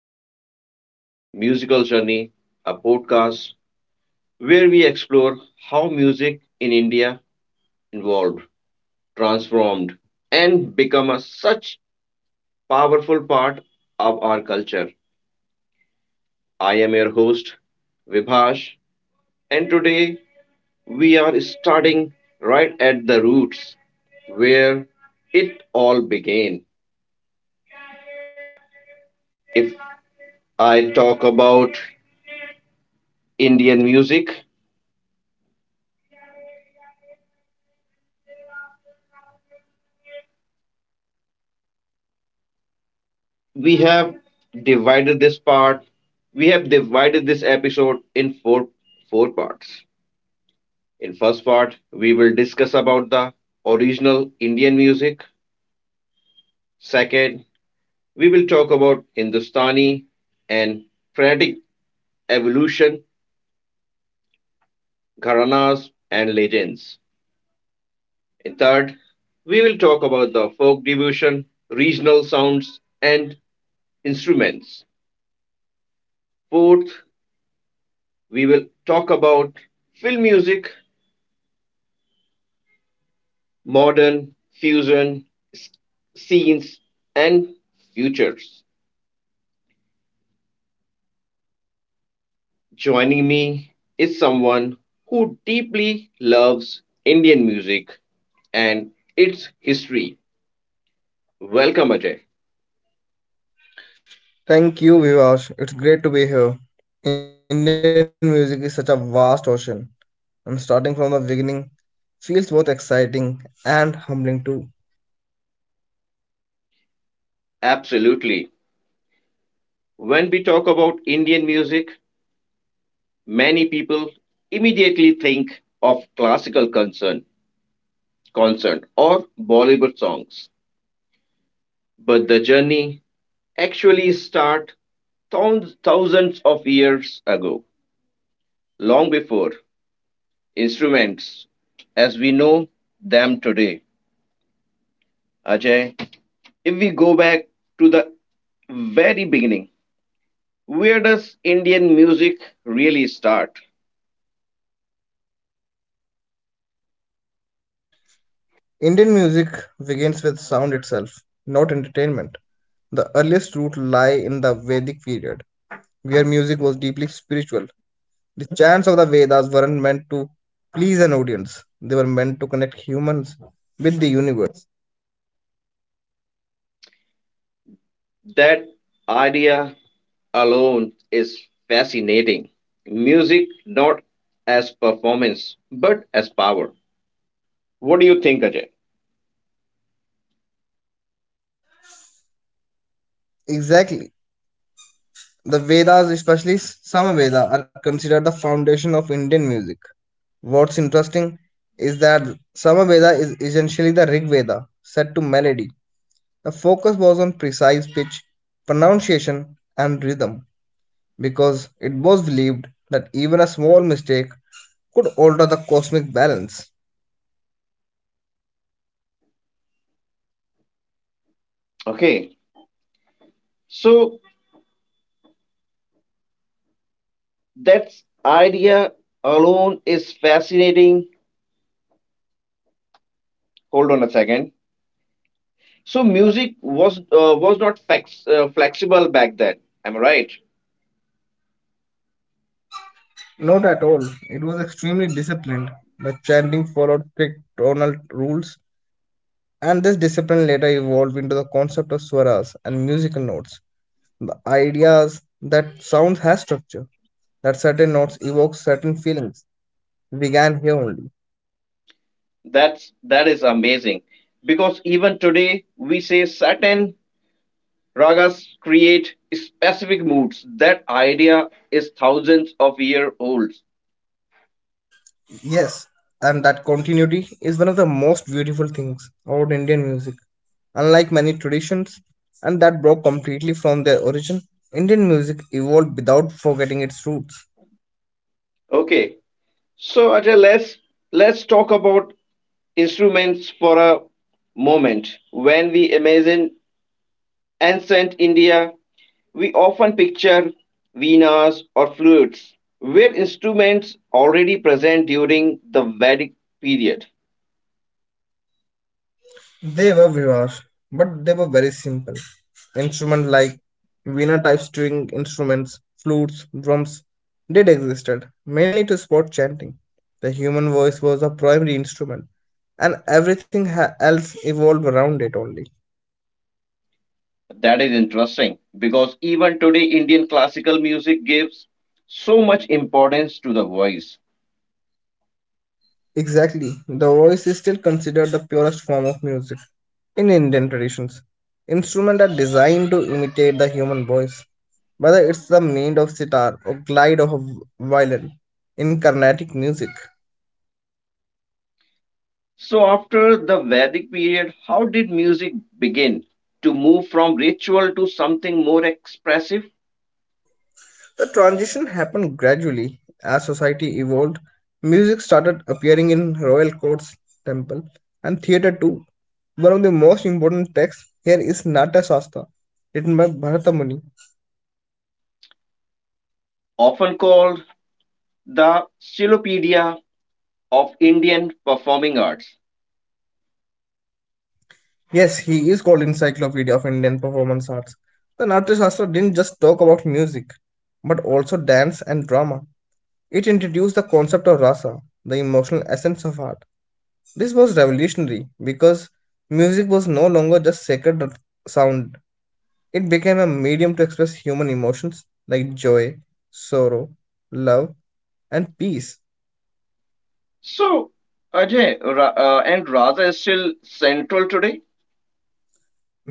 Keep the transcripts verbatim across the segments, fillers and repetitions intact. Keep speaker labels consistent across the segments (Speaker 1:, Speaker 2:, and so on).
Speaker 1: to India's Musical Journey, a podcast where we explore how music in India evolved, transformed, and become a such powerful part of our culture. I am your host, Vibhash, and today we are starting right at the roots where it all began. If I talk about Indian music, we have divided this part we have divided this episode in four four parts. In first part we will discuss about the original indian music. Second, we will talk about hindustani and frenetic evolution, gharanas and legends. In third, we will talk about the folk devotion, regional sounds and instruments. Fourth, we will talk about film music, modern, fusion, s- scenes, and futures. Joining me is someone who deeply loves Indian music and its history. Welcome, Ajay.
Speaker 2: Thank you, Vivash. It's great to be here. Indian music is such a vast ocean, and starting from the beginning feels both exciting and humbling too.
Speaker 1: Absolutely. When we talk about Indian music, many people immediately think of classical concern, concert or Bollywood songs. But the journey actually starts thousands of years ago, long before instruments as we know them today. Ajay, if we go back to the very beginning, where does Indian music really start?
Speaker 2: Indian music begins with sound itself, not entertainment. The earliest roots lie in the Vedic period, where music was deeply spiritual. The chants of the Vedas weren't meant to please an audience, they were meant to connect humans with the universe.
Speaker 1: That idea alone is fascinating. Music not as performance but as power. What do you think, Ajay?
Speaker 2: Exactly. The Vedas, especially Samaveda, are considered the foundation of Indian music. What's interesting is that Samaveda is essentially the Rig Veda, set to melody. The focus was on precise pitch, pronunciation, and rhythm because it was believed that even a small mistake could alter the cosmic balance.
Speaker 1: Okay, so that idea alone is fascinating. Hold on a second. So music was uh, was not flex, uh, flexible back then. Am I right?
Speaker 2: Not at all, it was extremely disciplined, but chanting followed strict tonal rules, and this discipline later evolved into the concept of swaras and musical notes. The ideas that sound has structure, that certain notes evoke certain feelings, began here only.
Speaker 1: That's that is amazing, because even today we say certain ragas create specific moods. That idea is thousands of year old.
Speaker 2: Yes, and that continuity is one of the most beautiful things about Indian music. Unlike many traditions, and that broke completely from their origin, Indian music evolved without forgetting its roots.
Speaker 1: Okay, so Ajay, let's let's talk about instruments for a moment. When we imagine ancient India, we often picture Venas or flutes. Were instruments already present during the Vedic period?
Speaker 2: They were Vivar, but they were very simple. Instruments like Veena type string instruments, flutes, drums did existed, mainly to support chanting. The human voice was the primary instrument, and everything ha- else evolved around it only.
Speaker 1: That is interesting because even today Indian classical music gives so much importance to the voice.
Speaker 2: Exactly. The voice is still considered the purest form of music in Indian traditions. Instruments are designed to imitate the human voice, whether it's the made of sitar or glide of a violin in Carnatic music.
Speaker 1: So after the Vedic period, how did music begin to move from ritual to something more expressive,
Speaker 2: The transition happened gradually as society evolved. Music started appearing in royal courts, temple, and theater too. One of the most important texts here is Nata Shastra, written by Bharata Muni.
Speaker 1: often called the Silopedia of Indian performing arts?
Speaker 2: Yes, he is called Encyclopedia of Indian Performance Arts. The Natya Shastra didn't just talk about music, but also dance and drama. It introduced the concept of rasa, the emotional essence of art. This was revolutionary because music was no longer just sacred r- sound. It became a medium to express human emotions like joy, sorrow, love, and peace.
Speaker 1: So, Ajay Ra- uh, and raga is still central today.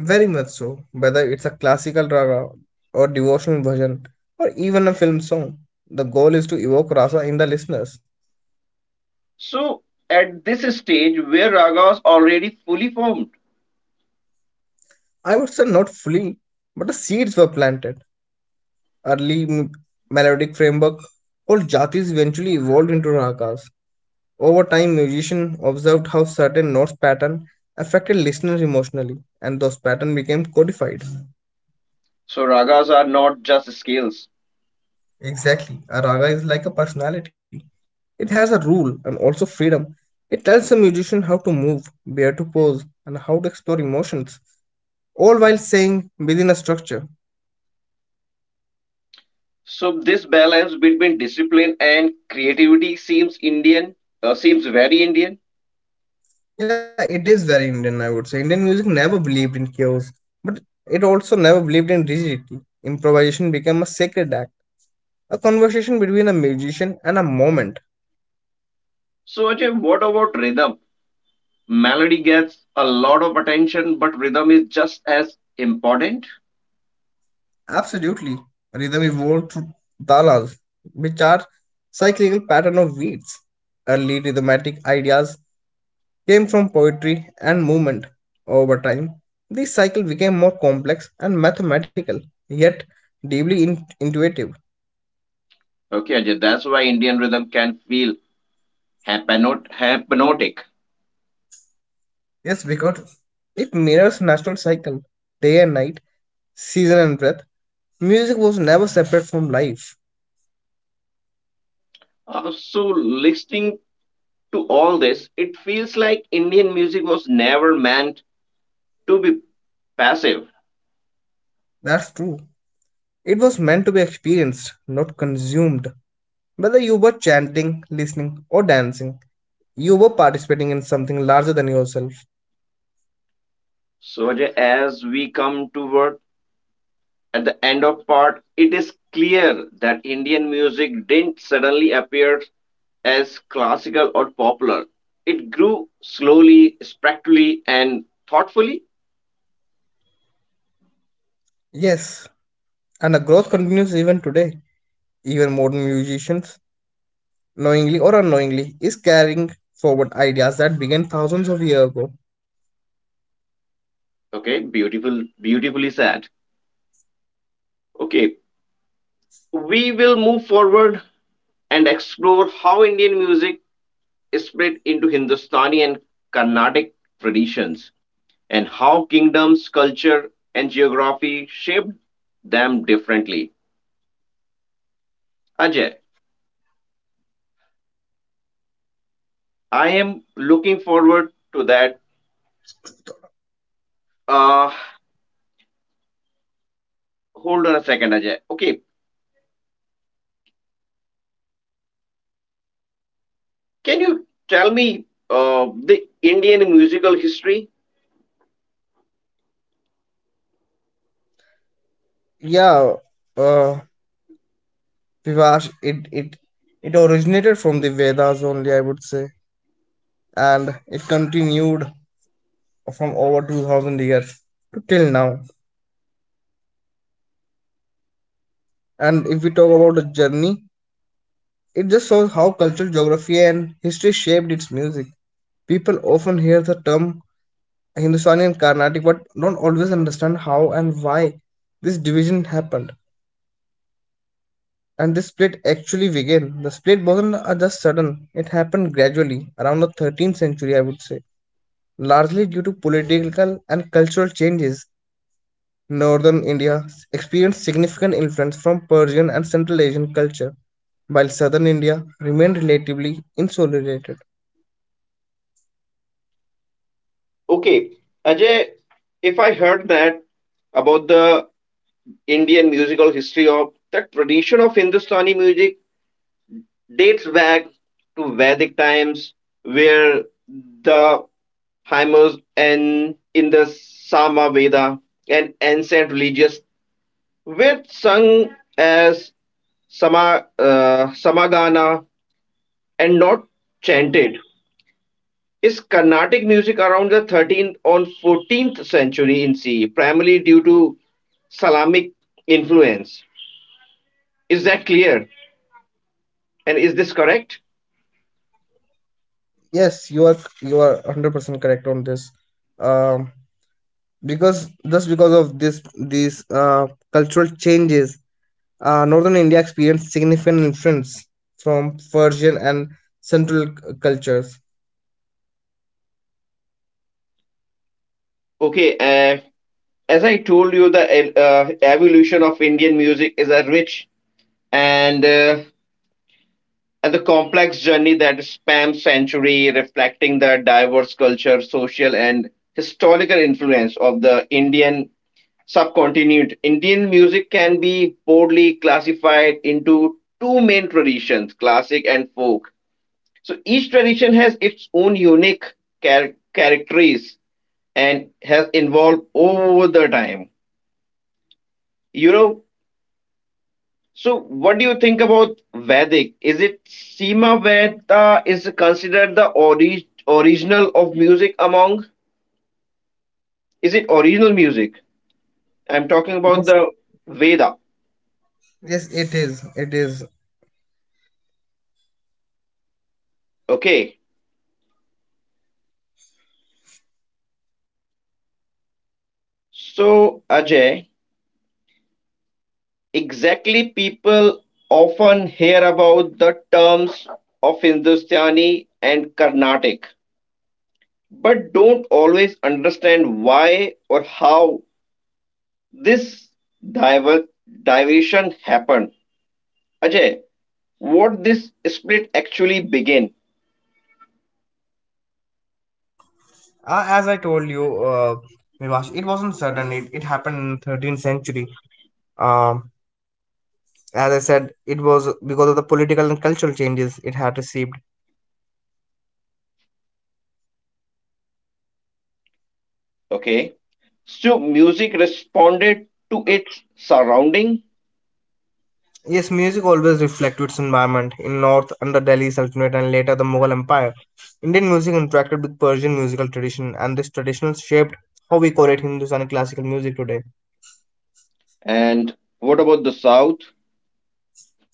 Speaker 2: Very much so. Whether it's a classical raga or devotional version or even a film song, the goal is to evoke rasa in the listeners.
Speaker 1: So, at this stage where ragas already fully formed,
Speaker 2: I would say not fully, but the seeds were planted. Early m- melodic framework all jatis eventually evolved into ragas. Over time, musicians observed how certain notes pattern affected listeners emotionally, and those patterns became codified.
Speaker 1: so ragas are not just scales.
Speaker 2: Exactly, a raga is like a personality. It has a rule and also freedom. It tells the musician how to move, where to pose, and how to explore emotions, all while staying within a structure.
Speaker 1: So, this balance between discipline and creativity seems Indian, uh, seems very Indian.
Speaker 2: Yeah, it is very Indian, I would say. Indian music never believed in chaos, but it also never believed in rigidity. Improvisation became a sacred act, a conversation between a musician and a moment.
Speaker 1: So, Ajay, what about rhythm? Melody gets a lot of attention, but rhythm is just as important.
Speaker 2: Absolutely. Rhythm evolved through talas, which are cyclical pattern of beats. Early rhythmatic ideas came from poetry and movement. Over time, this cycle became more complex and mathematical, yet deeply in- intuitive.
Speaker 1: Okay, Ajay, that's why Indian rhythm can feel hypnot- hypnotic.
Speaker 2: Yes, because it mirrors natural cycle, day and night, season and breath. Music was never separate from life.
Speaker 1: Uh, so listening to all this, it feels like Indian music was never meant to be passive.
Speaker 2: That's true. It was meant to be experienced, not consumed. Whether you were chanting, listening, or dancing, you were participating in something larger than yourself.
Speaker 1: So, Ajay, as we come toward at the end of part, it is clear that Indian music didn't suddenly appear as classical or popular. It grew slowly, spectrally, and thoughtfully.
Speaker 2: Yes, and the growth continues even today. Even modern musicians, knowingly or unknowingly, is carrying forward ideas that began thousands of years ago.
Speaker 1: Okay, beautiful, beautifully said. Okay, we will move forward and explore how Indian music split into Hindustani and Carnatic traditions and how kingdoms, culture, and geography shaped them differently. Ajay, I am looking forward to that. Uh, hold on a second, Ajay. Okay, can you tell me uh, the Indian musical history?
Speaker 2: Yeah, uh, Vivash, it, it, it originated from the Vedas only, I would say, and it continued from over two thousand years to till now. And if we talk about the journey, it just shows how cultural geography and history shaped its music. People often hear the term Hindustani and Carnatic, but don't always understand how and why this division happened. And this split actually began. The split wasn't uh, just sudden, it happened gradually around the thirteenth century, I would say, largely due to political and cultural changes. Northern India experienced significant influence from Persian and Central Asian culture, while Southern India remained relatively insulated.
Speaker 1: Okay, Ajay, if I heard that about the Indian musical history, of the tradition of Hindustani music dates back to Vedic times where the hymns and in the Samaveda and ancient religious were sung as sama, uh, samagana and not chanted. Is Carnatic music around the thirteenth or fourteenth century in C E, primarily due to Islamic influence? Is that clear? And is this correct?
Speaker 2: Yes, you are you are one hundred percent correct on this. Um, because just because of this these uh, cultural changes, Uh, northern India experienced significant influence from Persian and Central c- cultures.
Speaker 1: Okay, uh, as I told you, the uh, uh, evolution of Indian music is a rich and uh, and the complex journey that spans century, reflecting the diverse culture, social, and historical influence of the Indian subcontinent. Indian music can be broadly classified into two main traditions: classic and folk. So each tradition has its own unique char- characteristics and has evolved over the time, you know. So, what do you think about Vedic? Is it Sima Veda is considered the ori- original of music among? Is it original music? I'm talking about the
Speaker 2: Yes,
Speaker 1: Veda.
Speaker 2: yes, it is. It is.
Speaker 1: Okay. So, Ajay, exactly people often hear about the terms of Hindustani and Carnatic, but don't always understand why or how this diver- diversion happened. Ajay, what this split actually began.
Speaker 2: Uh, as I told you, uh, Vivash, it wasn't sudden. It, it happened in thirteenth century. Um, as I said, it was because of the political and cultural changes it had received.
Speaker 1: Okay, so music responded to its surrounding.
Speaker 2: Yes, music always reflected its environment. In North, under Delhi Sultanate and later the Mughal Empire, Indian music interacted with Persian musical tradition, and this tradition shaped how we call it Hindustani classical music today.
Speaker 1: And what about the South?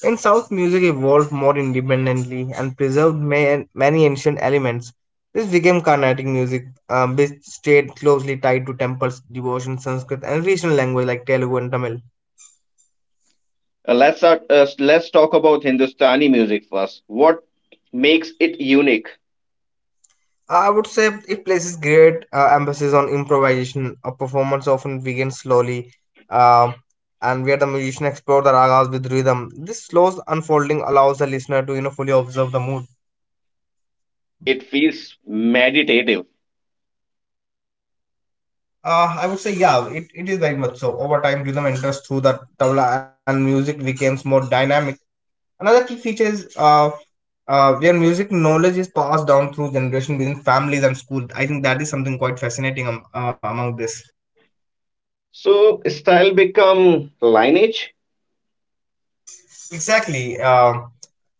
Speaker 2: In South, music evolved more independently and preserved ma- many ancient elements. This became Carnatic music, um, which stayed closely tied to temples, devotion, Sanskrit, and regional language like Telugu and Tamil.
Speaker 1: Uh, let's start, uh, let's talk about Hindustani music first. What makes it unique?
Speaker 2: Uh, I would say it places great uh, emphasis on improvisation. A performance often begins slowly, um, and where the musician explores the ragas with rhythm. This slow unfolding allows the listener to you know fully observe the mood.
Speaker 1: It feels meditative.
Speaker 2: Uh, I would say, yeah, it, it is very much so. Over time, rhythm enters through the tabla and music becomes more dynamic. Another key feature is uh, uh, where music knowledge is passed down through generation within families and school. I think that is something quite fascinating um, uh, among this.
Speaker 1: So style become lineage.
Speaker 2: Exactly. Uh,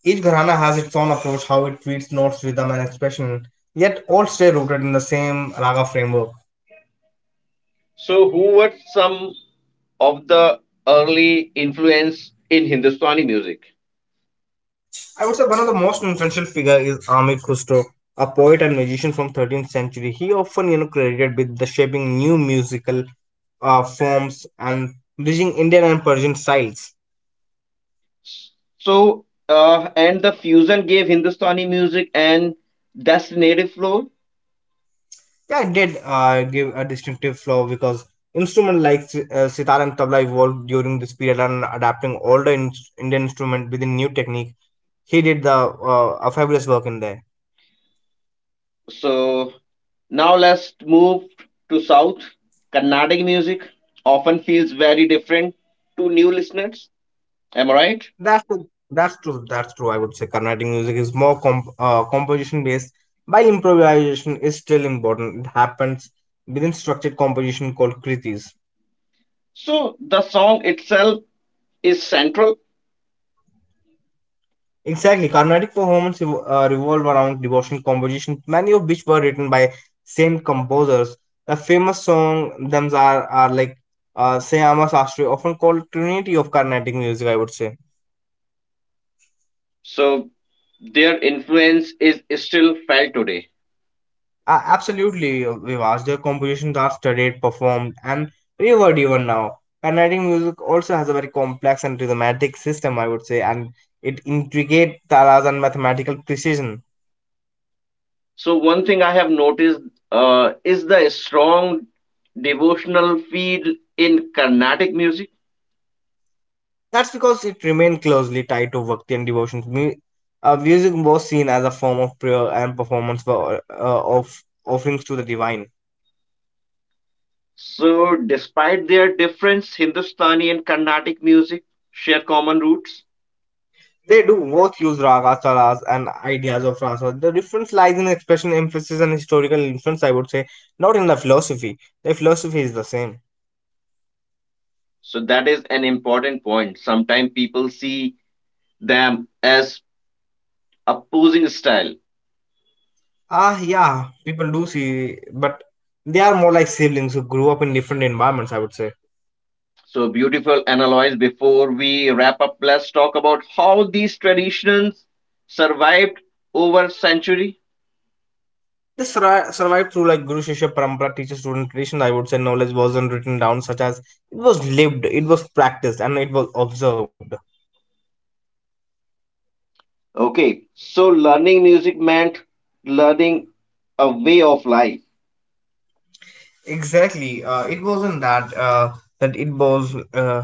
Speaker 2: Each gharana has its own approach, how it treats notes, rhythm, and expression, yet all stay rooted in the same raga framework.
Speaker 1: So who were some of the early influence in Hindustani music?
Speaker 2: I would say one of the most influential figure is Amir Khusro, a poet and musician from thirteenth century. He often, you know, credited with the shaping new musical uh, forms and bridging Indian and Persian styles.
Speaker 1: So, uh, and the fusion gave Hindustani music and that's the native flow.
Speaker 2: Yeah, it did uh, give a distinctive flow because instruments like si- uh, sitar and tabla evolved during this period and adapting older in- Indian instrument with a new technique. He did the uh, a fabulous work in there.
Speaker 1: So now let's move to South. Carnatic music often feels very different to new listeners. Am I right?
Speaker 2: That's true. That's true. That's true. I would say Carnatic music is more comp- uh, composition based, while improvisation is still important. It happens within structured composition called kritis.
Speaker 1: So the song itself is central.
Speaker 2: Exactly. Carnatic performances ev- uh, revolve around devotional compositions, many of which were written by saint composers. The famous song thems are, are like uh, Sayama Sastri, often called Trinity of Carnatic music, I would say.
Speaker 1: So their influence is still felt today.
Speaker 2: Uh, absolutely, Vivas. Their compositions are studied, performed, and revered even now. Carnatic music also has a very complex and rhythmic system, I would say, and it intricate talas and mathematical precision.
Speaker 1: So one thing I have noticed uh, is the strong devotional feel in Carnatic music.
Speaker 2: That's because it remained closely tied to bhakti and devotion. Mu- uh, music was seen as a form of prayer and performance for, uh, of offerings to the divine.
Speaker 1: So, despite their difference, Hindustani and Carnatic music share common roots.
Speaker 2: They do both use ragas, talas, and ideas of rasa. The difference lies in expression, emphasis, and historical influence, I would say, not in the philosophy. The philosophy is the same.
Speaker 1: So, that is an important point. Sometimes people see them as opposing style.
Speaker 2: Ah, yeah, people do see, but they are more like siblings who grew up in different environments, I would say.
Speaker 1: So, beautiful analyze. Before we wrap up, let's talk about how these traditions survived over century.
Speaker 2: this surri- survived through like Guru Shishya Parampara, teacher student tradition, I would say. Knowledge wasn't written down, such as it was lived, it was practiced, and it was observed.
Speaker 1: Okay, so learning music meant learning a way of life.
Speaker 2: Exactly. Uh, it wasn't that. Uh, that it was uh,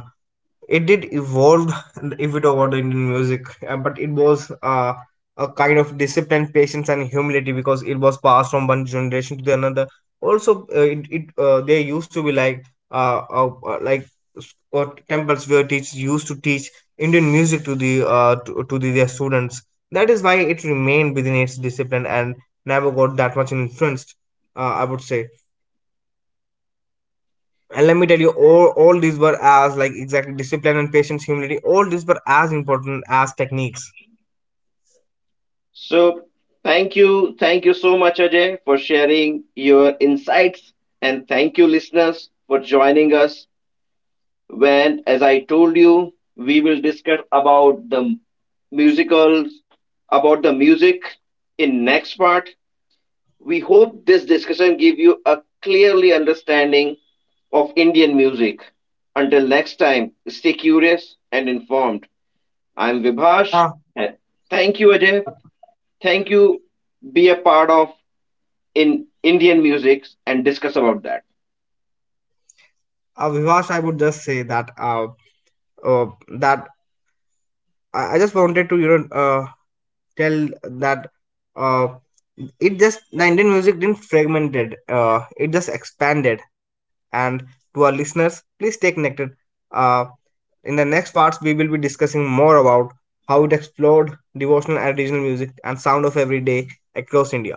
Speaker 2: it did evolve if we talk about the Indian music, uh, but it was uh, a kind of discipline, patience, and humility because it was passed from one generation to the another. Also, uh, it, it uh, there used to be like uh, uh, uh, like s- uh, temples where teachers used to teach Indian music to the uh, to, to the, their students. That is why it remained within its discipline and never got that much influenced. Uh, I would say and let me tell you all, all these were as like exactly discipline and patience humility all these were as important as techniques.
Speaker 1: So, thank you. Thank you so much, Ajay, for sharing your insights. And thank you, listeners, for joining us. When, as I told you, we will discuss about the musicals, about the music in next part. We hope this discussion give you a clearly understanding of Indian music. Until next time, stay curious and informed. I'm Vibhash,
Speaker 2: uh,
Speaker 1: and thank you, Ajay. Thank you. Be a part of in Indian music and discuss about that.
Speaker 2: uh Vivash, I would just say that uh, uh that i I just wanted to you know uh tell that uh it just the Indian music didn't fragmented, uh it just expanded, and to our listeners, please stay connected. uh in the next parts we will be discussing more about how it explored devotional and regional music and sound of every day across India.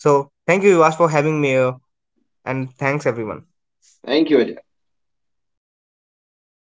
Speaker 2: So thank you, Yuvash, for having me here, and thanks everyone.
Speaker 1: Thank you, Ajay.